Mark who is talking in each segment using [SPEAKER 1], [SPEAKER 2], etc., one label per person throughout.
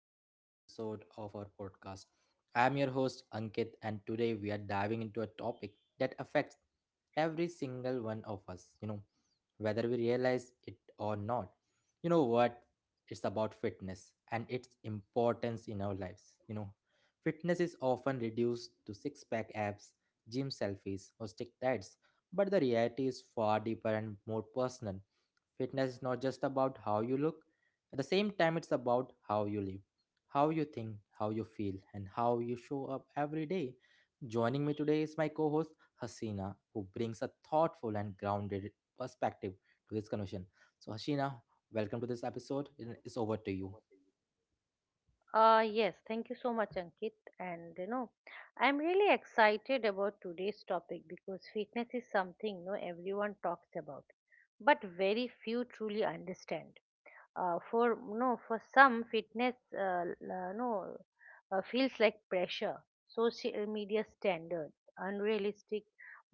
[SPEAKER 1] another episode of our podcast. I am your host Ankit, and today we are diving into a topic that affects every single one of us, whether we realize it or not. You know what? It's about fitness and its importance in our lives. Fitness is often reduced to six-pack abs, gym selfies, or strict diets, but the reality is far deeper and more personal. Fitness is not just about how you look. At the same time, it's about how you live, how you think, how you feel, and how you show up every day. Joining me today is my co host Hasina, who brings a thoughtful and grounded perspective to this conversation. So, Hasina, welcome to this episode, and it's over to you.
[SPEAKER 2] Yes, thank you so much, Ankit. And I'm really excited about today's topic because fitness is something everyone talks about, but very few truly understand. For no, for some, fitness l- no feels like pressure, social media standards, unrealistic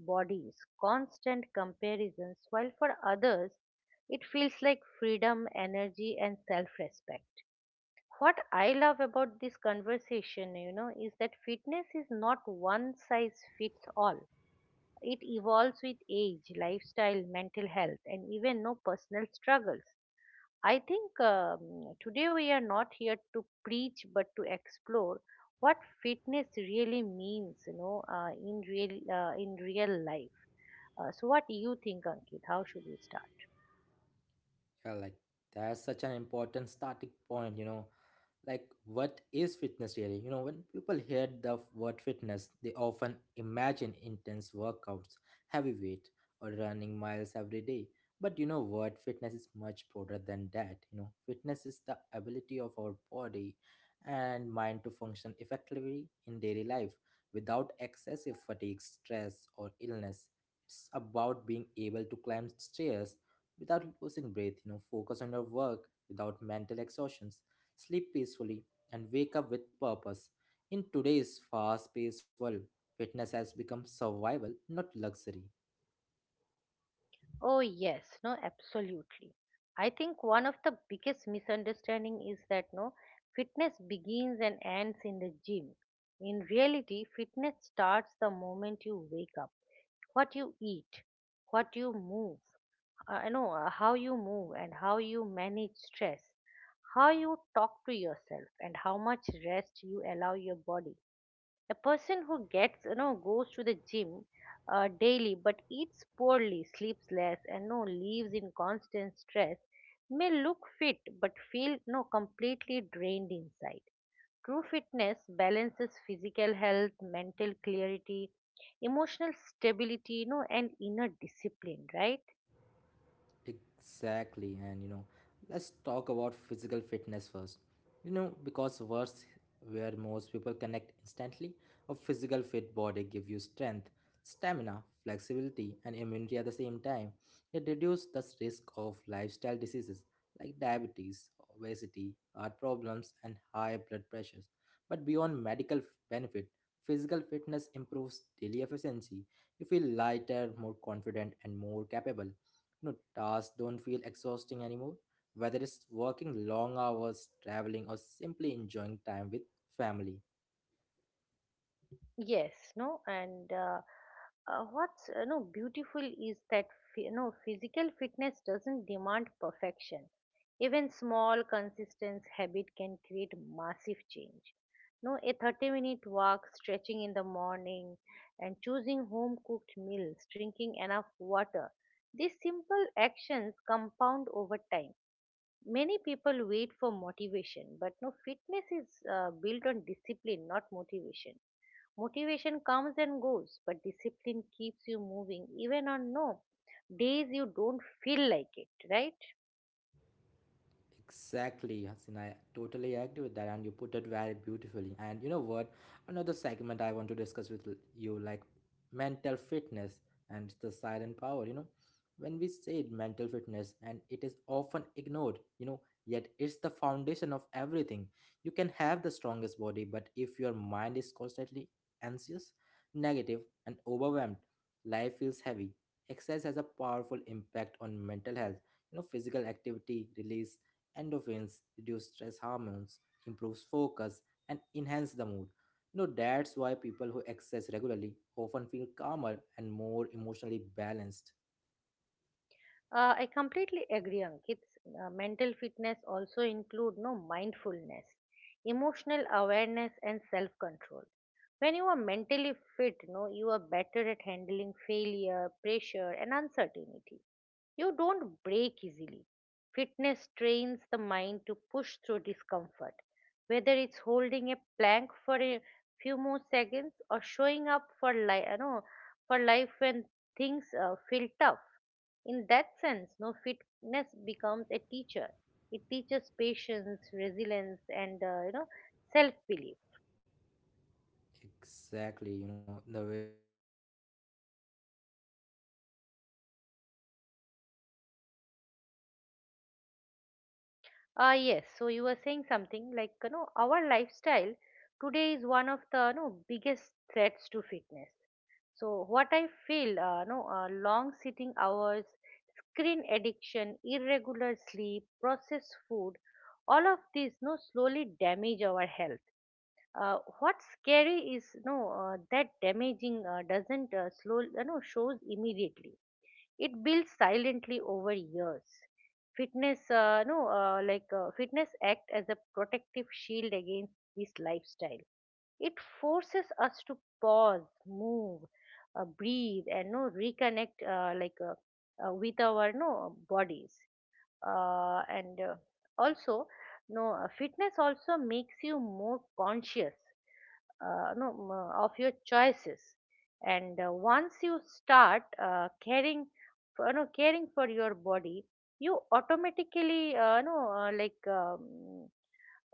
[SPEAKER 2] bodies, constant comparisons, while for others, it feels like freedom, energy, and self-respect. What I love about this conversation, is that fitness is not one size fits all. It evolves with age, lifestyle, mental health, and even no personal struggles. I think today we are not here to preach but to explore what fitness really means, in real life. So, what do you think, Ankit? How should we start?
[SPEAKER 1] Yeah, like, that's such an important starting point, you know, like what is fitness, really? You know, when people hear the word fitness, they often imagine intense workouts, heavy weight, or running miles every day. But you know what, fitness is much broader than that. You know, fitness is the ability of our body and mind to function effectively in daily life, without excessive fatigue, stress, or illness. It's about being able to climb stairs without losing breath, you know, focus on your work without mental exhaustion, sleep peacefully, and wake up with purpose. In today's fast paced world, fitness has become survival, not luxury.
[SPEAKER 2] Oh, yes, no, absolutely. I think one of the biggest misunderstanding is that no fitness begins and ends in the gym. In reality, fitness starts the moment you wake up. What you eat, what you move, I know how you move and how you manage stress, how you talk to yourself and how much rest you allow your body. The person who gets goes to the gym daily, but eats poorly, sleeps less, and no lives in constant stress, may look fit but feel no completely drained inside. True fitness balances physical health, mental clarity, emotional stability, and inner discipline, right?
[SPEAKER 1] Exactly, and you know, let's talk about physical fitness first. You know, because words where most people connect instantly, a physical fit body gives you strength, stamina, flexibility, and immunity at the same time. It reduces the risk of lifestyle diseases like diabetes, obesity, heart problems, and high blood pressures. But beyond medical benefit, physical fitness improves daily efficiency. You feel lighter, more confident, and more capable. No, tasks don't feel exhausting anymore, whether it's working long hours, traveling, or simply enjoying time with family.
[SPEAKER 2] Yes, and what's no beautiful is that physical fitness doesn't demand perfection. Even small, consistent habit can create massive change. No, a 30-minute walk, stretching in the morning, and choosing home-cooked meals, drinking enough water. These simple actions compound over time. Many people wait for motivation, but no, fitness is built on discipline, not motivation. Motivation comes and goes, but discipline keeps you moving even on days you don't feel like it, right?
[SPEAKER 1] Exactly, Hasina. I totally agree with that, and you put it very beautifully. And you know what? Another segment I want to discuss with you, like mental fitness and the silent power. You know, when we say mental fitness, and it is often ignored. You know, yet it's the foundation of everything. You can have the strongest body, but if your mind is constantly anxious, negative, and overwhelmed, life feels heavy. Exercise has a powerful impact on mental health. You know, physical activity release endorphins, reduce stress hormones, improves focus, and enhance the mood. You know, that's why people who exercise regularly often feel calmer and more emotionally balanced.
[SPEAKER 2] I completely agree, Ankit. Mental fitness also include no mindfulness, emotional awareness, and self-control. When you are mentally fit, no, you are better at handling failure, pressure, and uncertainty. You don't break easily. Fitness trains the mind to push through discomfort, whether it's holding a plank for a few more seconds or showing up for life, for life when things feel tough. In that sense, no fitness becomes a teacher. It teaches patience, resilience, and self-belief.
[SPEAKER 1] Exactly, you know, the way you said, I totally agree with that. And you know, another part I want to talk about, like fitness and lifestyle choices. Our
[SPEAKER 2] Ah,
[SPEAKER 1] lifestyle
[SPEAKER 2] yes.
[SPEAKER 1] to.
[SPEAKER 2] So you were saying something like our lifestyle today is one of the biggest threats to fitness. So what I feel, long sitting hours, screen addiction, irregular sleep, processed food, all of these slowly damage our health.
[SPEAKER 1] Yeah, yeah,
[SPEAKER 2] What's scary is that damaging doesn't slow you know shows immediately. It builds silently over years. Fitness no like Fitness act as a protective shield against this lifestyle. It forces us to pause, move, breathe, and no reconnect with our bodies. And also no Fitness also makes you more conscious no, m- of your choices. And once you start caring for your body, you automatically,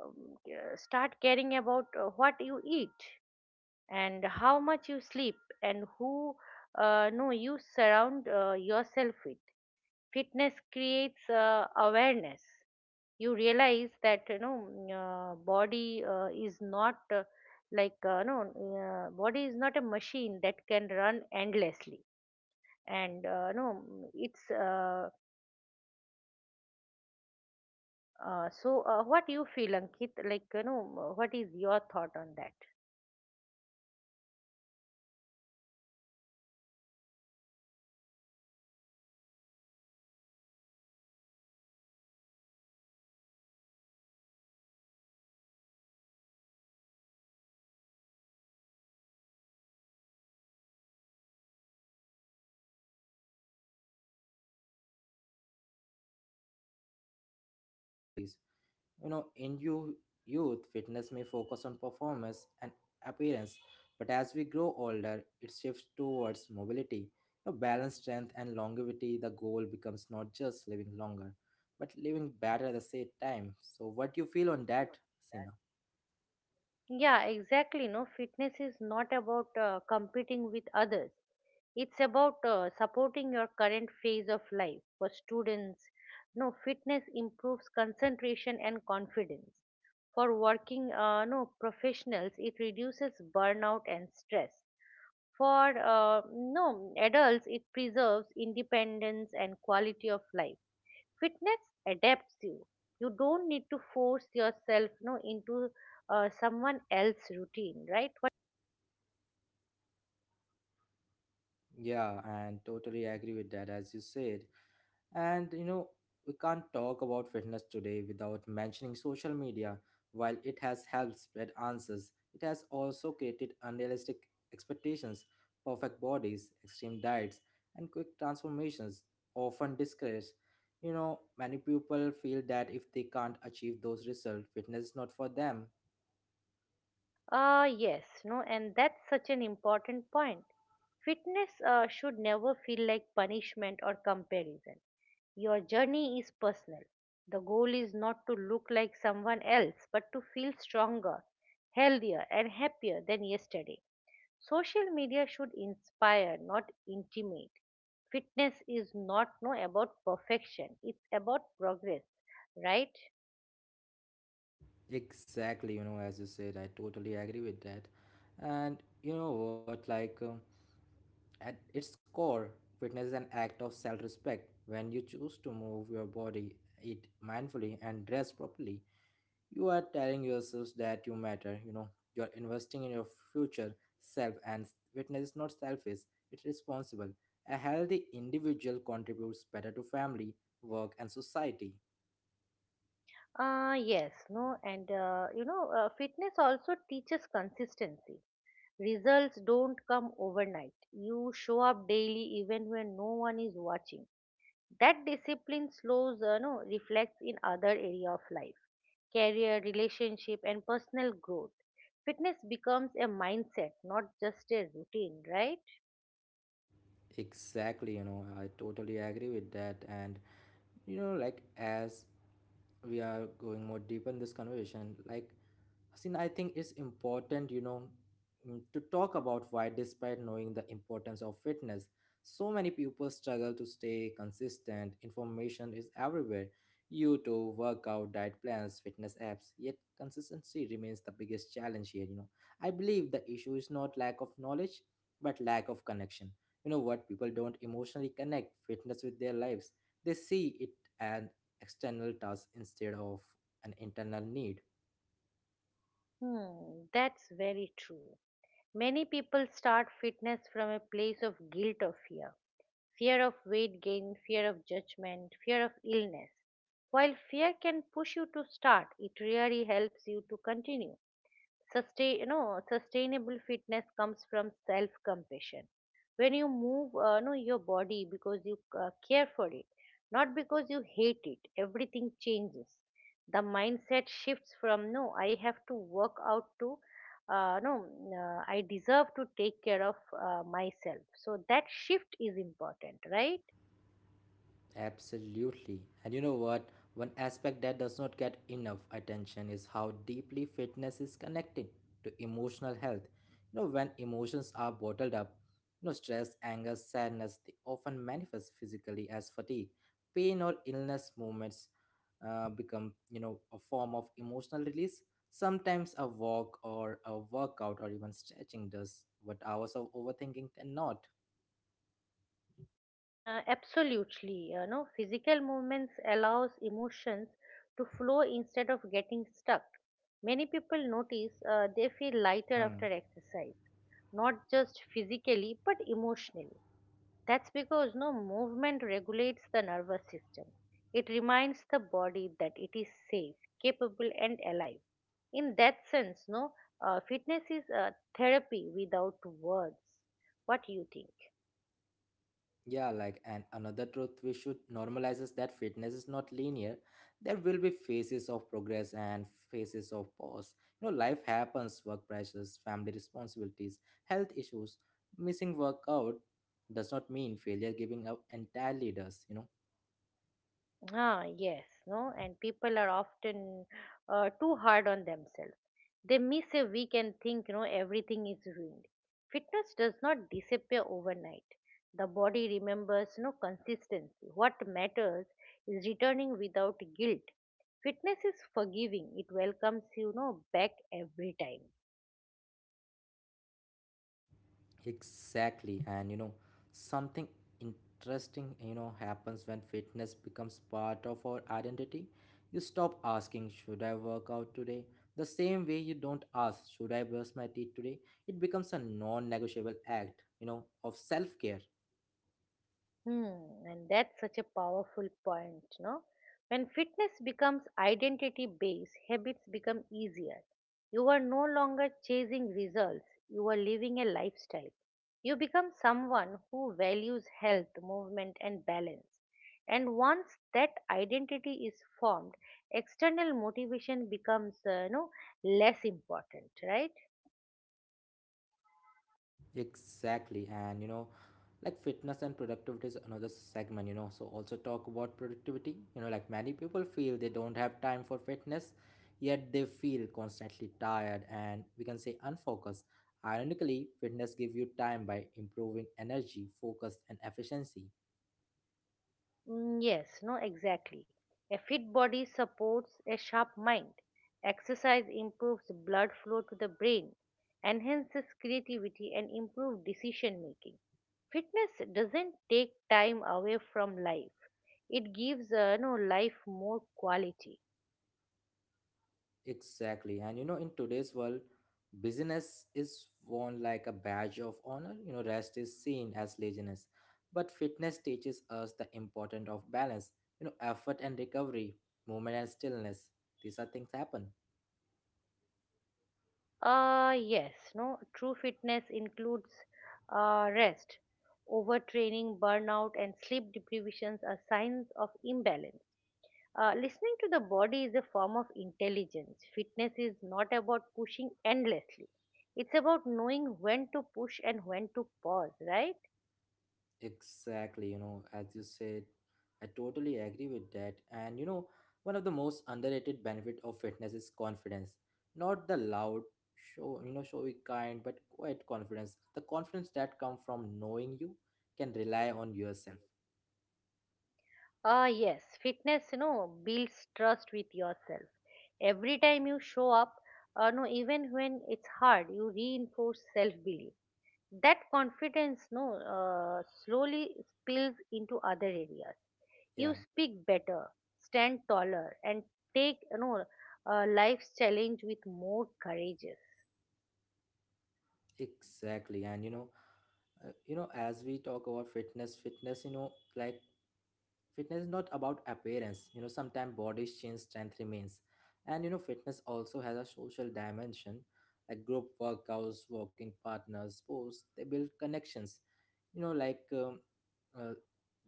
[SPEAKER 2] um, start caring about what you eat and how much you sleep and who no, you surround yourself with. Fitness creates awareness. You realize that body is not like uh, no body is not a machine that can run endlessly, and no mm, it's
[SPEAKER 1] yeah, like, as you said,
[SPEAKER 2] uh, so
[SPEAKER 1] body.
[SPEAKER 2] uh, what you feel, Ankit, what is your thought on that?
[SPEAKER 1] Yeah, like, I totally agree with that, you know. And, you know, as you said, body is not machine. I totally agree with that. Even though our listeners also agree with that, you know. You know what, Sina, like, I want to discuss you about like fitness at different stage of life. You know, another important aspect is that fitness change with age. Like what fitness look like in your 20s is different from your 40s or 60s. You know, youth, fitness may focus on performance and appearance, but as we grow older, it shifts towards mobility. You know, balance, strength, and longevity. The goal becomes not just living longer, but living better at the same time. So, what do you feel on that, Sina?
[SPEAKER 2] Yeah, exactly, fitness is not about competing with others. It's about supporting your current phase of life. For students, No, fitness improves concentration and confidence. For working no professionals, it reduces burnout and stress. For no adults, it preserves independence and quality of life. Fitness adapts you. You don't need to force yourself no into someone else's routine, right?
[SPEAKER 1] Yeah, and totally agree with that. As you said. And you know, we can't talk about fitness today without mentioning social media. While it has helped spread answers, it has also created unrealistic expectations, perfect bodies, extreme diets, and quick transformations, often discouraged. You know, many people feel that if they can't achieve those results, fitness is not for them.
[SPEAKER 2] Yes, no, and that's such an important point. Fitness should never feel like punishment or comparison. Your journey is personal. The goal is not to look like someone else, but to feel stronger, healthier, and happier than yesterday. Social media should inspire, not intimate. Fitness is not no about perfection, it's about progress, right?
[SPEAKER 1] Exactly, you know, as you said, I totally agree with that. And you know what? At its core, fitness is an act of self respect. When you choose to move your body, eat mindfully, and dress properly, you are telling yourself that you matter. You know, you're investing in your future self, and fitness is not selfish, it's responsible. A healthy individual contributes better to family, work, and society.
[SPEAKER 2] Yes, no, and fitness also teaches consistency. Results don't come overnight. You show up daily even when no one is watching. That discipline slows, no, reflects in other area of life, career, relationship, and personal growth. Fitness becomes a mindset, not just a routine, right?
[SPEAKER 1] Exactly, you know, I totally agree with that. And you know, like as we are going more deep in this conversation. Like, Hasina, I think it's important, you know, to talk about why, despite knowing the importance of fitness, so many people struggle to stay consistent. Information is everywhere: YouTube, workout, diet plans, fitness apps. Yet, consistency remains the biggest challenge here, you know. I believe the issue is not lack of knowledge, but lack of connection. You know what? People don't emotionally connect fitness with their lives, they see it an external task instead of an internal need.
[SPEAKER 2] Hmm, that's very true. Many people start fitness from a place of guilt or fear. Fear of weight gain, fear of judgment, fear of illness. While fear can push you to start, it really helps you to continue. Sustainable fitness comes from self compassion when you move your body because you care for it, not because you hate it, everything changes. The mindset shifts from no I have to work out to no I deserve to take care of myself. So that shift is important, right?
[SPEAKER 1] Absolutely. And you know what? One aspect that does not get enough attention is how deeply fitness is connected to emotional health. You know, when emotions are bottled up, you know, stress, anger, sadness, they often manifest physically as fatigue. Pain or illness movements become, you know, a form of emotional release. Sometimes a walk or a workout or even stretching does what hours of overthinking cannot.
[SPEAKER 2] Absolutely, you know, physical movements allows emotions to flow instead of getting stuck. Many people notice they feel lighter
[SPEAKER 1] Hmm.
[SPEAKER 2] after exercise, not just physically but emotionally. That's because no movement regulates the nervous system. It reminds the body that it is safe, capable, and alive. In that sense, no, fitness is a therapy without words. What do you think?
[SPEAKER 1] Yeah, like, and another truth we should normalize is that fitness is not linear. There will be phases of progress and phases of pause. You know, life happens: work pressures, family responsibilities, health issues. Missing workout does not mean failure, giving up entirely does, you know.
[SPEAKER 2] Ah, yes, no, and people are often too hard on themselves. They miss a week and think, you know, everything is ruined. Fitness does not disappear overnight. The body remembers, consistency. What matters is returning without guilt. Fitness is forgiving. It welcomes you, back every time.
[SPEAKER 1] Exactly, and you know, something interesting, you know, happens when fitness becomes part of our identity. You stop asking, should I work out today? The same way you don't ask, should I brush my teeth today? It becomes a non negotiable act, you know, of self care.
[SPEAKER 2] Hmm, and that's such a powerful point, no? When fitness becomes identity based, habits become easier. You are no longer chasing results, you are living a lifestyle. You become someone who values health, movement, and balance. And once that identity is formed, external motivation becomes, less important, right?
[SPEAKER 1] Exactly. And you know, like fitness and productivity is another segment, you know. So also talk about productivity. You know, like many people feel they don't have time for fitness, yet they feel constantly tired and we can say unfocused. Ironically, fitness gives you time by improving energy, focus, and efficiency.
[SPEAKER 2] Mm, yes, no, exactly. A fit body supports a sharp mind. Exercise improves blood flow to the brain, enhances creativity, and improves decision making. Fitness doesn't take time away from life. It gives no life more quality.
[SPEAKER 1] Exactly. And you know, in today's world, business is worn like a badge of honor. You know, rest is seen as laziness. But fitness teaches us the importance of balance, you know, effort and recovery, movement and stillness. These are things happen.
[SPEAKER 2] Yes, no. True fitness includes rest. Overtraining, burnout, and sleep deprivations are signs of imbalance. Listening to the body is a form of intelligence. Fitness is not about pushing endlessly. It's about knowing when to push and when to pause, right?
[SPEAKER 1] Exactly, you know, as you said, I totally agree with that. And you know, one of the most underrated benefit of fitness is confidence. Not the loud, showy kind, but quiet confidence. The confidence that come from knowing you can rely on yourself.
[SPEAKER 2] Ah, yes. Fitness, builds trust with yourself. Every time you show up, no, even when it's hard, you reinforce self-belief. That confidence, no, slowly spills into other areas.
[SPEAKER 1] Yeah,
[SPEAKER 2] You speak better, stand taller, and take life's challenge with more courageous.
[SPEAKER 1] exactly. And you know, as we talk about fitness, you know, like fitness is not about appearance. You know, sometimes body change, strength remains. And you know, fitness also has a social dimension, like group workouts, walking partners, sports, they build connections. You know, like uh,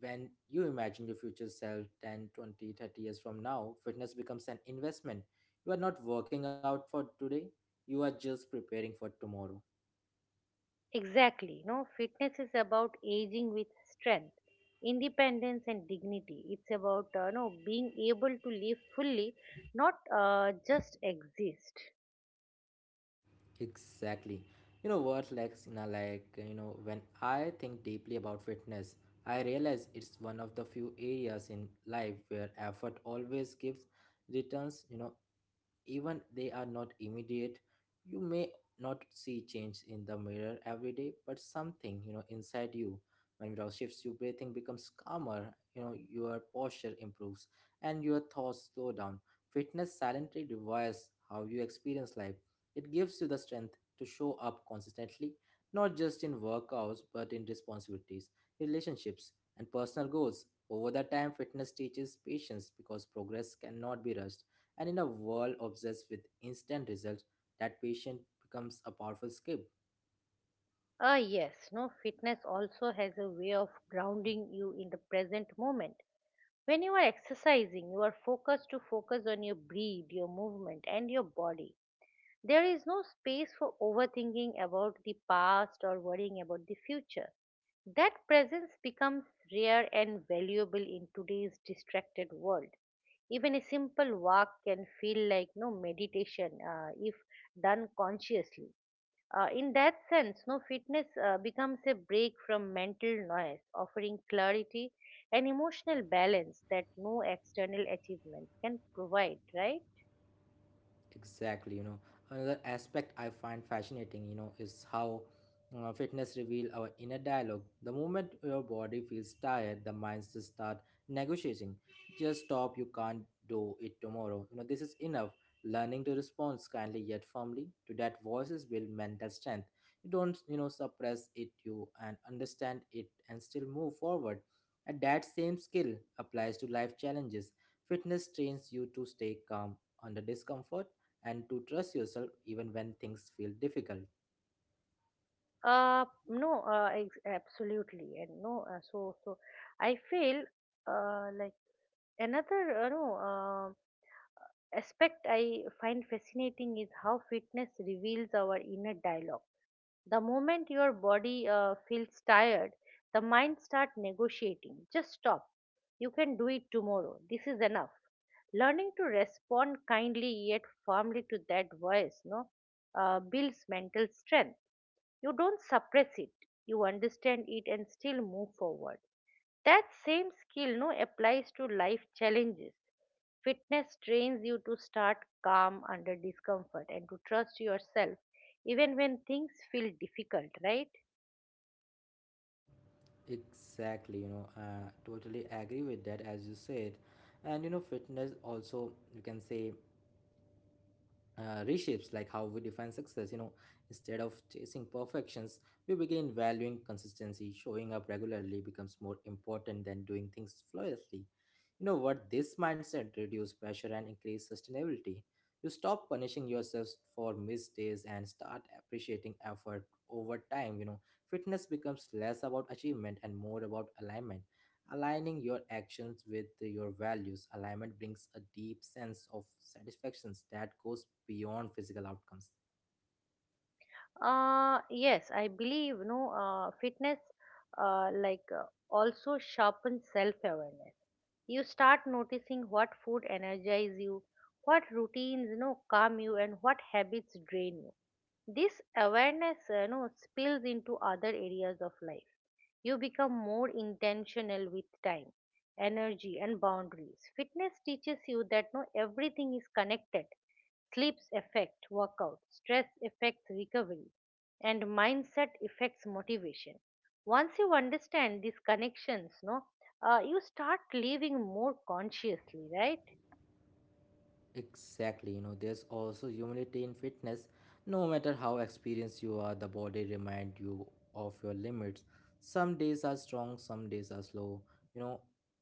[SPEAKER 1] when you imagine your future self 10, 20, 30 years from now, fitness becomes an investment. You are not working out for today, you are just preparing for tomorrow.
[SPEAKER 2] Exactly, no fitness is about aging with strength, independence, and dignity. It's about no being able to live fully, not just exist.
[SPEAKER 1] Exactly. You know what, Lexina, like, you know, when I think deeply about fitness, I realize it's one of the few areas in life where effort always gives returns, you know, even they are not immediate. You may not see change in the mirror every day, but something, you know, inside you, when it all shifts, your breathing becomes calmer, you know, your posture improves, and your thoughts slow down. Fitness silently rewires how you experience life. It gives you the strength to show up consistently, not just in workouts but in responsibilities, relationships, and personal goals. Over the time, fitness teaches patience because progress cannot be rushed, and in a world obsessed with instant results, that patient becomes a powerful skill.
[SPEAKER 2] Ah, yes, no fitness also has a way of grounding you in the present moment. When you are exercising, you are focus on your breath, your movement, and your body. There is no space for overthinking about the past or worrying about the future. That presence becomes rare and valuable in today's distracted world. Even a simple walk can feel like meditation if done consciously. In that sense, no fitness becomes a break from mental noise, offering clarity and emotional balance that no external achievements can provide, right?
[SPEAKER 1] Exactly, you know, another aspect I find fascinating, you know, is how fitness reveal our inner dialogue. The moment your body feels tired, the minds just start negotiating. Just stop, you can't do it tomorrow. You know, this is enough. Learning to respond kindly yet firmly to that voices build mental strength. You don't, you know, suppress it, you and understand it and still move forward. And that same skill applies to life challenges. Fitness trains you to stay calm under discomfort and to trust yourself even when things feel difficult.
[SPEAKER 2] Absolutely. And no, uh, so so I feel uh, like another no aspect I find fascinating is how fitness reveals our inner dialogue. The moment your body feels tired, the mind start negotiating. Just stop. You can do it tomorrow. This is enough. Learning to respond kindly yet firmly to that voice no builds mental strength. You don't suppress it, you understand it and still move forward. That same skill no applies to life challenges. Fitness trains you to start calm under discomfort and to trust yourself even when things feel difficult, right?
[SPEAKER 1] Exactly, you know, totally agree with that as you said. And you know, fitness also, you can say, reshapes like how we define success, you know, instead of chasing perfections. We begin valuing consistency. Showing up regularly becomes more important than doing things flawlessly. You know what, this mindset reduces pressure and increase sustainability. You stop punishing yourself for missed days and start appreciating effort over time, you know. Fitness becomes less about achievement and more about alignment. Aligning your actions with your values, alignment brings a deep sense of satisfaction that goes beyond physical outcomes.
[SPEAKER 2] Yes, I believe fitness uh, like uh, also sharpens self-awareness. You start noticing what food energizes you, what routines calm you, and what habits drain you. This awareness spills into other areas of life. You become more intentional with time, energy, and boundaries. Fitness teaches you that no everything is connected. Sleeps affect workout, stress affects recovery, and mindset affects motivation. Once you understand these connections, no you start living more consciously, right?
[SPEAKER 1] Exactly, you know, there's also humility in fitness. No matter how experienced you are, the body reminds you of your limits. Some days are strong, some days are slow. You know,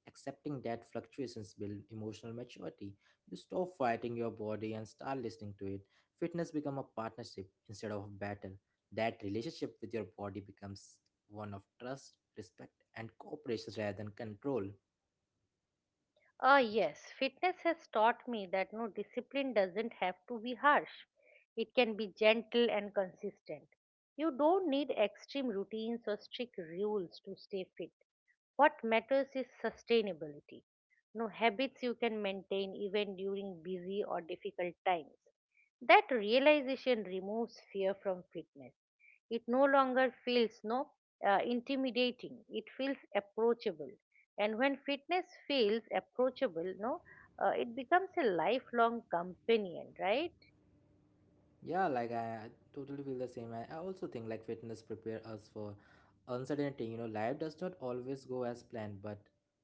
[SPEAKER 1] accepting that fluctuations build emotional maturity. You stop fighting your body and start listening to it. Fitness become a partnership instead of a battle. That relationship with your body becomes one of trust, respect, and cooperation rather than control.
[SPEAKER 2] Ah, yes, fitness has taught me that discipline doesn't have to be harsh. It can be gentle and consistent. You don't need extreme routines or strict rules to stay fit. What matters is sustainability. No habits you can maintain even during busy or difficult times. That realization removes fear from fitness. It no longer feels no intimidating. It feels approachable, and when fitness feels approachable, no, it becomes a lifelong companion, right?
[SPEAKER 1] Yeah, like I totally feel the same. I also think like fitness prepare us for uncertainty. You know, life does not always go as planned, but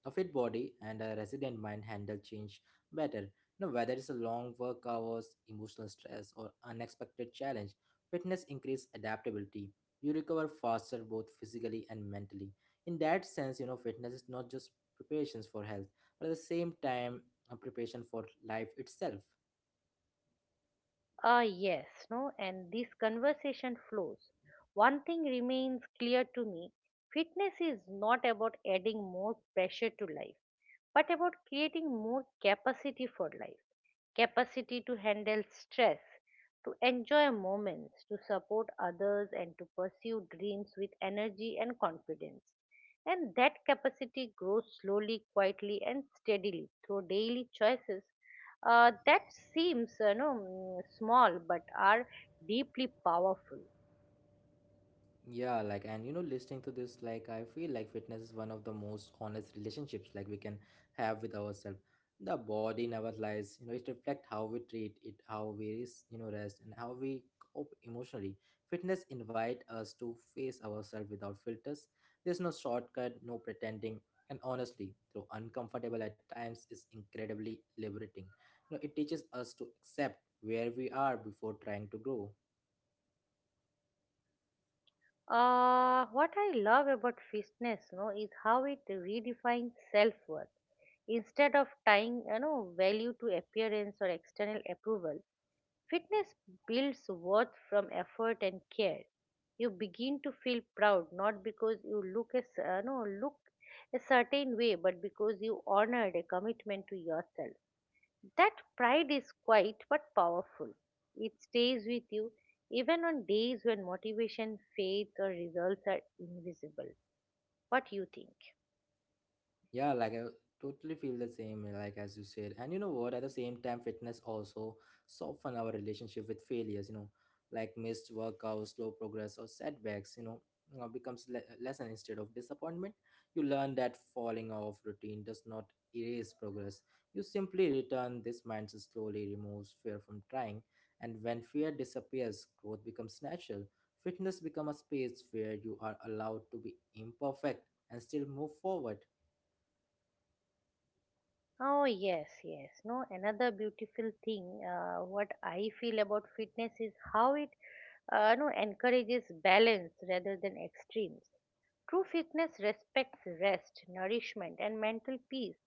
[SPEAKER 1] a fit body and a resilient mind handle change better. You know, whether it's a long work hours, emotional stress, or unexpected challenge, fitness increase adaptability. You recover faster both physically and mentally. In that sense, you know, fitness is not just preparations for health, but at the same time, a preparation for life itself.
[SPEAKER 2] Ah, yes, no, and this conversation flows. One thing remains clear to me: fitness is not about adding more pressure to life, but about creating more capacity for life. Capacity to handle stress, to enjoy moments, to support others, and to pursue dreams with energy and confidence. And that capacity grows slowly, quietly, and steadily through daily choices that seems small but are deeply powerful.
[SPEAKER 1] Yeah, like, and you know, listening to this, like, I feel like fitness is one of the most honest relationships, like, we can have with ourselves. The body never lies, you know, it reflects how we treat it, how we, you know, rest, and how we cope emotionally. Fitness invite us to face ourselves without filters. There's no shortcut, no pretending, and honestly, though uncomfortable at times, is incredibly liberating. You know, it teaches us to accept where we are before trying to grow.
[SPEAKER 2] What I love about fitness is how it redefines self worth. Instead of tying value to appearance or external approval, fitness builds worth from effort and care. You begin to feel proud not because you look as cer- no, look a certain way, but because you honored a commitment to yourself. That pride is quiet but powerful. It stays with you even on days when motivation, faith, or results are invisible. What do you think?
[SPEAKER 1] Yeah, like I totally feel the same, eh, like as you said. And you know what? At the same time, fitness also soften our relationship with failures, you know, like missed workouts, slow progress, or setbacks, you know, becomes lesson instead of disappointment. You learn that falling off routine does not erase progress. You simply return. This mindset slowly removes fear from trying. And when fear disappears, growth becomes natural. Fitness becomes a space where you are allowed to be imperfect and still move forward.
[SPEAKER 2] Oh, yes, yes. No, another beautiful thing, what I feel about fitness is how it no, encourages balance rather than extremes. True fitness respects rest, nourishment, and mental peace.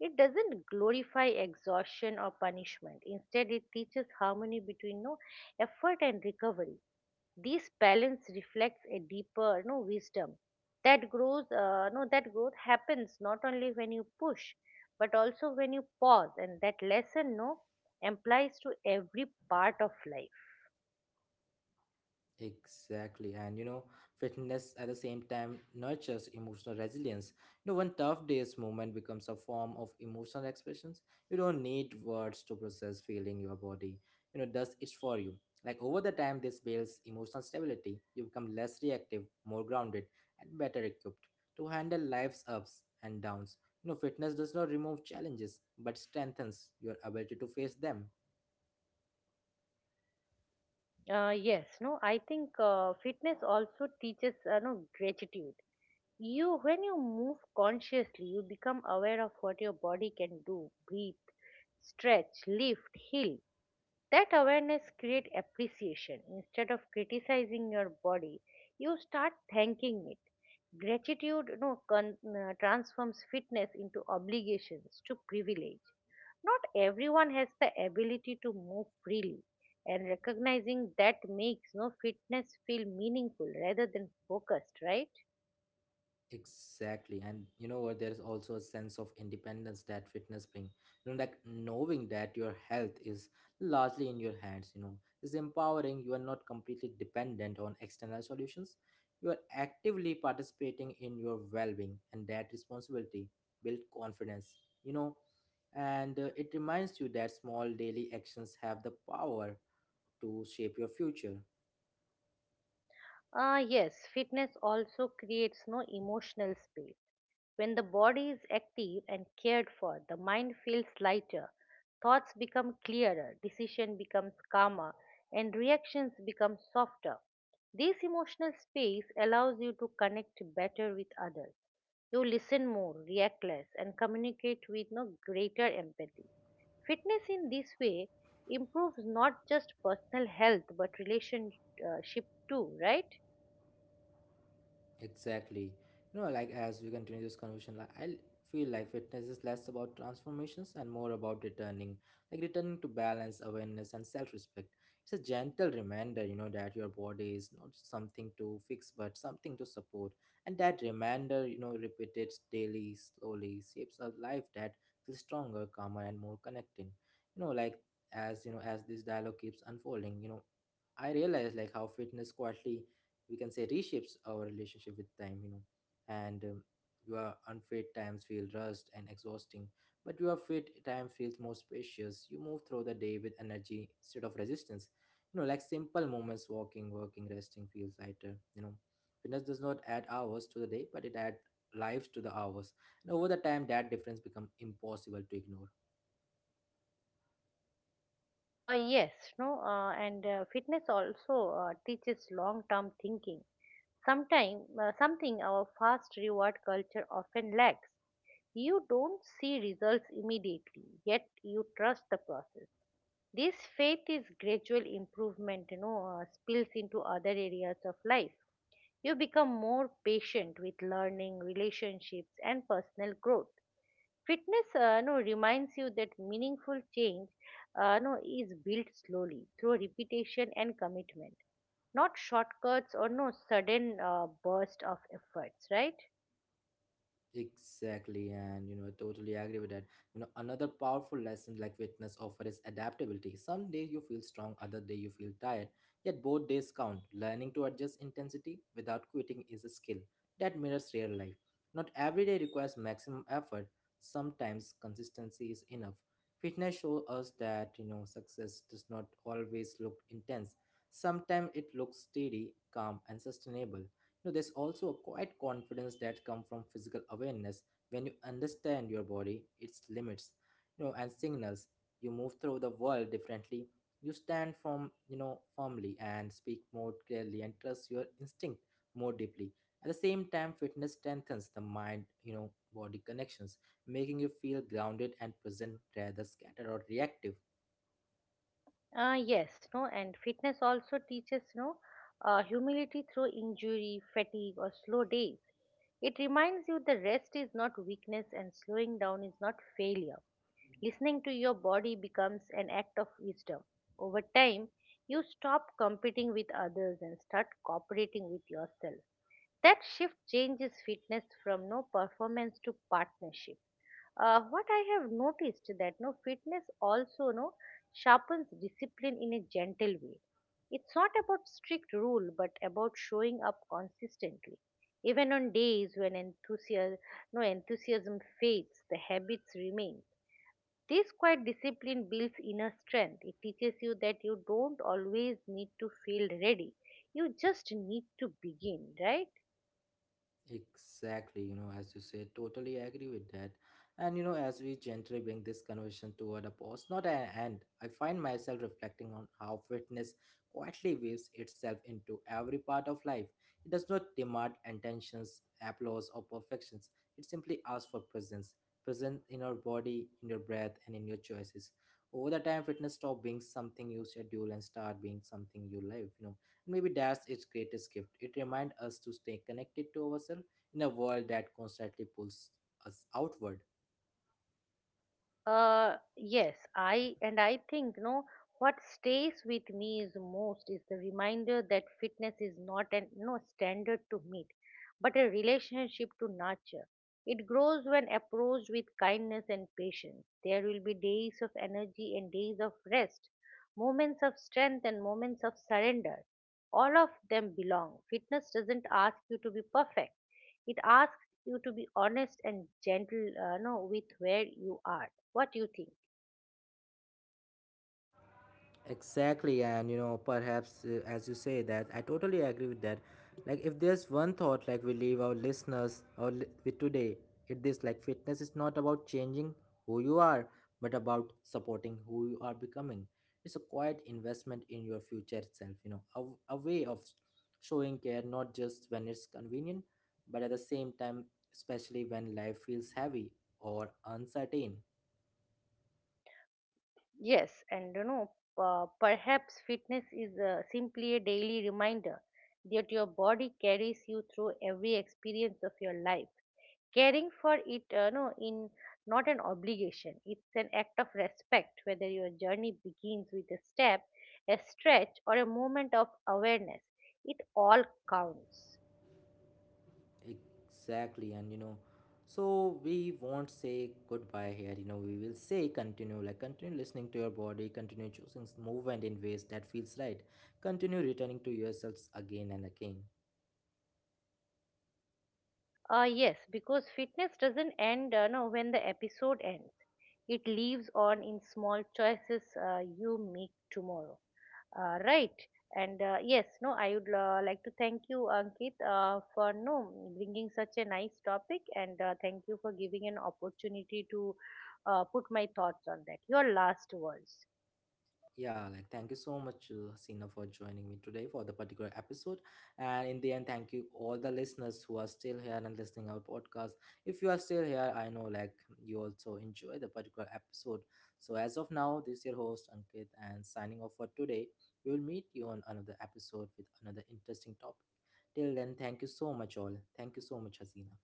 [SPEAKER 2] It doesn't glorify exhaustion or punishment. Instead, it teaches harmony between no effort and recovery. This balance reflects a deeper wisdom that grows. No, that growth happens not only when you push, but also when you pause. And that lesson no applies to every part of life.
[SPEAKER 1] Exactly. And you know, fitness at the same time nurtures emotional resilience. You know, when tough day's movement becomes a form of emotional expressions. You don't need words to process feeling. Your body, you know, does it for you. Like over the time, this builds emotional stability. You become less reactive, more grounded, and better equipped to handle life's ups and downs. You know, fitness does not remove challenges, but strengthens your ability to face them.
[SPEAKER 2] Yes, no, I think fitness also teaches no gratitude. You, when you move consciously, you become aware of what your body can do: breathe, stretch, lift, heal. That awareness creates appreciation. Instead of criticizing your body, you start thanking it. Gratitude transforms fitness into obligations to privilege. Not everyone has the ability to move freely, and recognizing that makes no fitness feel meaningful rather than focused, right?
[SPEAKER 1] Exactly. And you know what? There is also a sense of independence that fitness brings. You know, like knowing that your health is largely in your hands, you know, is empowering. You are not completely dependent on external solutions. You are actively participating in your well being, and that responsibility build confidence, you know, and it reminds you that small daily actions have the power to shape your future.
[SPEAKER 2] Ah, yes, fitness also creates no emotional space. When the body is active and cared for, the mind feels lighter, thoughts become clearer, decision becomes calmer, and reactions become softer. This emotional space allows you to connect better with others. You listen more, react less, and communicate with no greater empathy. Fitness in this way improves not just personal health but relationship too, right?
[SPEAKER 1] Exactly. You know, like as we continue this conversation, like I feel like fitness is less about transformations and more about returning, like returning to balance, awareness, and self-respect. It's a gentle reminder, you know, that your body is not something to fix, but something to support. And that reminder, you know, repeated daily, slowly, shapes a life that feels stronger, calmer, and more connected. You know, like as this dialogue keeps unfolding, you know, I realize like how fitness quietly, we can say, reshapes our relationship with time, you know. And your unfit times feel rushed and exhausting, but your fit time feels more spacious. You move through the day with energy instead of resistance. You know, like simple moments, walking, working, resting feels lighter. You know, fitness does not add hours to the day, but it adds lives to the hours. And over the time, that difference becomes impossible to ignore.
[SPEAKER 2] Yes, no, and fitness also teaches long-term thinking. Sometime, something our fast reward culture often lacks. You don't see results immediately, yet you trust the process. This faith is gradual improvement, spills into other areas of life. You become more patient with learning, relationships, and personal growth. Fitness no, reminds you that meaningful change no, is built slowly through repetition and commitment, not shortcuts or no sudden burst of efforts, right?
[SPEAKER 1] Exactly, and you know, I totally agree with that. You know, another powerful lesson like fitness offer is adaptability. Some days you feel strong, other day you feel tired. Yet both days count. Learning to adjust intensity without quitting is a skill that mirrors real life. Not every day requires maximum effort. Sometimes consistency is enough. Fitness shows us that, you know, success does not always look intense. Sometimes it looks steady, calm, and sustainable. You know, there's also a quiet confidence that comes from physical awareness. When you understand your body, its limits, you know, and signals, you move through the world differently. You stand from, you know, firmly and speak more clearly and trust your instinct more deeply. At the same time, fitness strengthens the mind, you know, body connections, making you feel grounded and present rather scattered or reactive.
[SPEAKER 2] Yes, no, And fitness also teaches no humility through injury, fatigue, or slow days. It reminds you the rest is not weakness and slowing down is not failure. Listening to your body becomes an act of wisdom. Over time, you stop competing with others and start cooperating with yourself. That shift changes fitness from no performance to partnership. What I have noticed that fitness also no sharpens discipline in a gentle way. It's not about strict rule but about showing up consistently. Even on days when enthusiasm, no enthusiasm fades, the habits remain. This quiet discipline builds inner strength. It teaches you that you don't always need to feel ready. You just need to begin, right?
[SPEAKER 1] Exactly, you know, as you said, totally agree with that. And you know, as we gently bring this conversation toward a pause, not an end, I find myself reflecting on how fitness quietly weaves itself into every part of life. It does not demand intentions, applause, or perfections. It simply asks for presence, present in your body, in your breath, and in your choices. Over the time, fitness stops being something you schedule and start being something you live. You know, maybe that's its greatest gift. It reminds us to stay connected to ourselves in a world that constantly pulls us outward.
[SPEAKER 2] Yes, I and I think no what stays with me is most is the reminder that fitness is not an no standard to meet, but a relationship to nurture. It grows when approached with kindness and patience. There will be days of energy and days of rest, moments of strength and moments of surrender. All of them belong. Fitness doesn't ask you to be perfect. It asks you to be honest and gentle, no, with where you are. What do you think?
[SPEAKER 1] Exactly, and you know, perhaps as you say that, I totally agree with that. Like, if there's one thought, like we leave our listeners or with today, it is like fitness is not about changing who you are, but about supporting who you are becoming. It's a quiet investment in your future itself. You know, a way of showing care, not just when it's convenient, but at the same time, especially when life feels heavy or uncertain.
[SPEAKER 2] Yes, and you know, perhaps fitness is simply a daily reminder that your body carries you through every experience of your life. Caring for it, in not an obligation. It's an act of respect, whether your journey begins with a step, a stretch, or a moment of awareness. It all counts.
[SPEAKER 1] Exactly, and you know, so we won't say goodbye here. You know, we will say continue, like continue listening to your body, continue choosing movement in ways that feels right, continue returning to yourselves again and again.
[SPEAKER 2] Yes, because fitness doesn't end no, when the episode ends. It lives on in small choices you make tomorrow. Right. And yes, no, I would like to thank you, Ankit, for no bringing such a nice topic, and thank you for giving an opportunity to put my thoughts on that. Your last words.
[SPEAKER 1] Yeah, like thank you so much, Sina, for joining me today for the particular episode. And in the end, thank you all the listeners who are still here and listening our podcast. If you are still here, I know like you also enjoy the particular episode. So as of now, this is your host Ankit and signing off for today. We will meet you on another episode with another interesting topic. Till then, thank you so much all. Thank you so much, Hasina.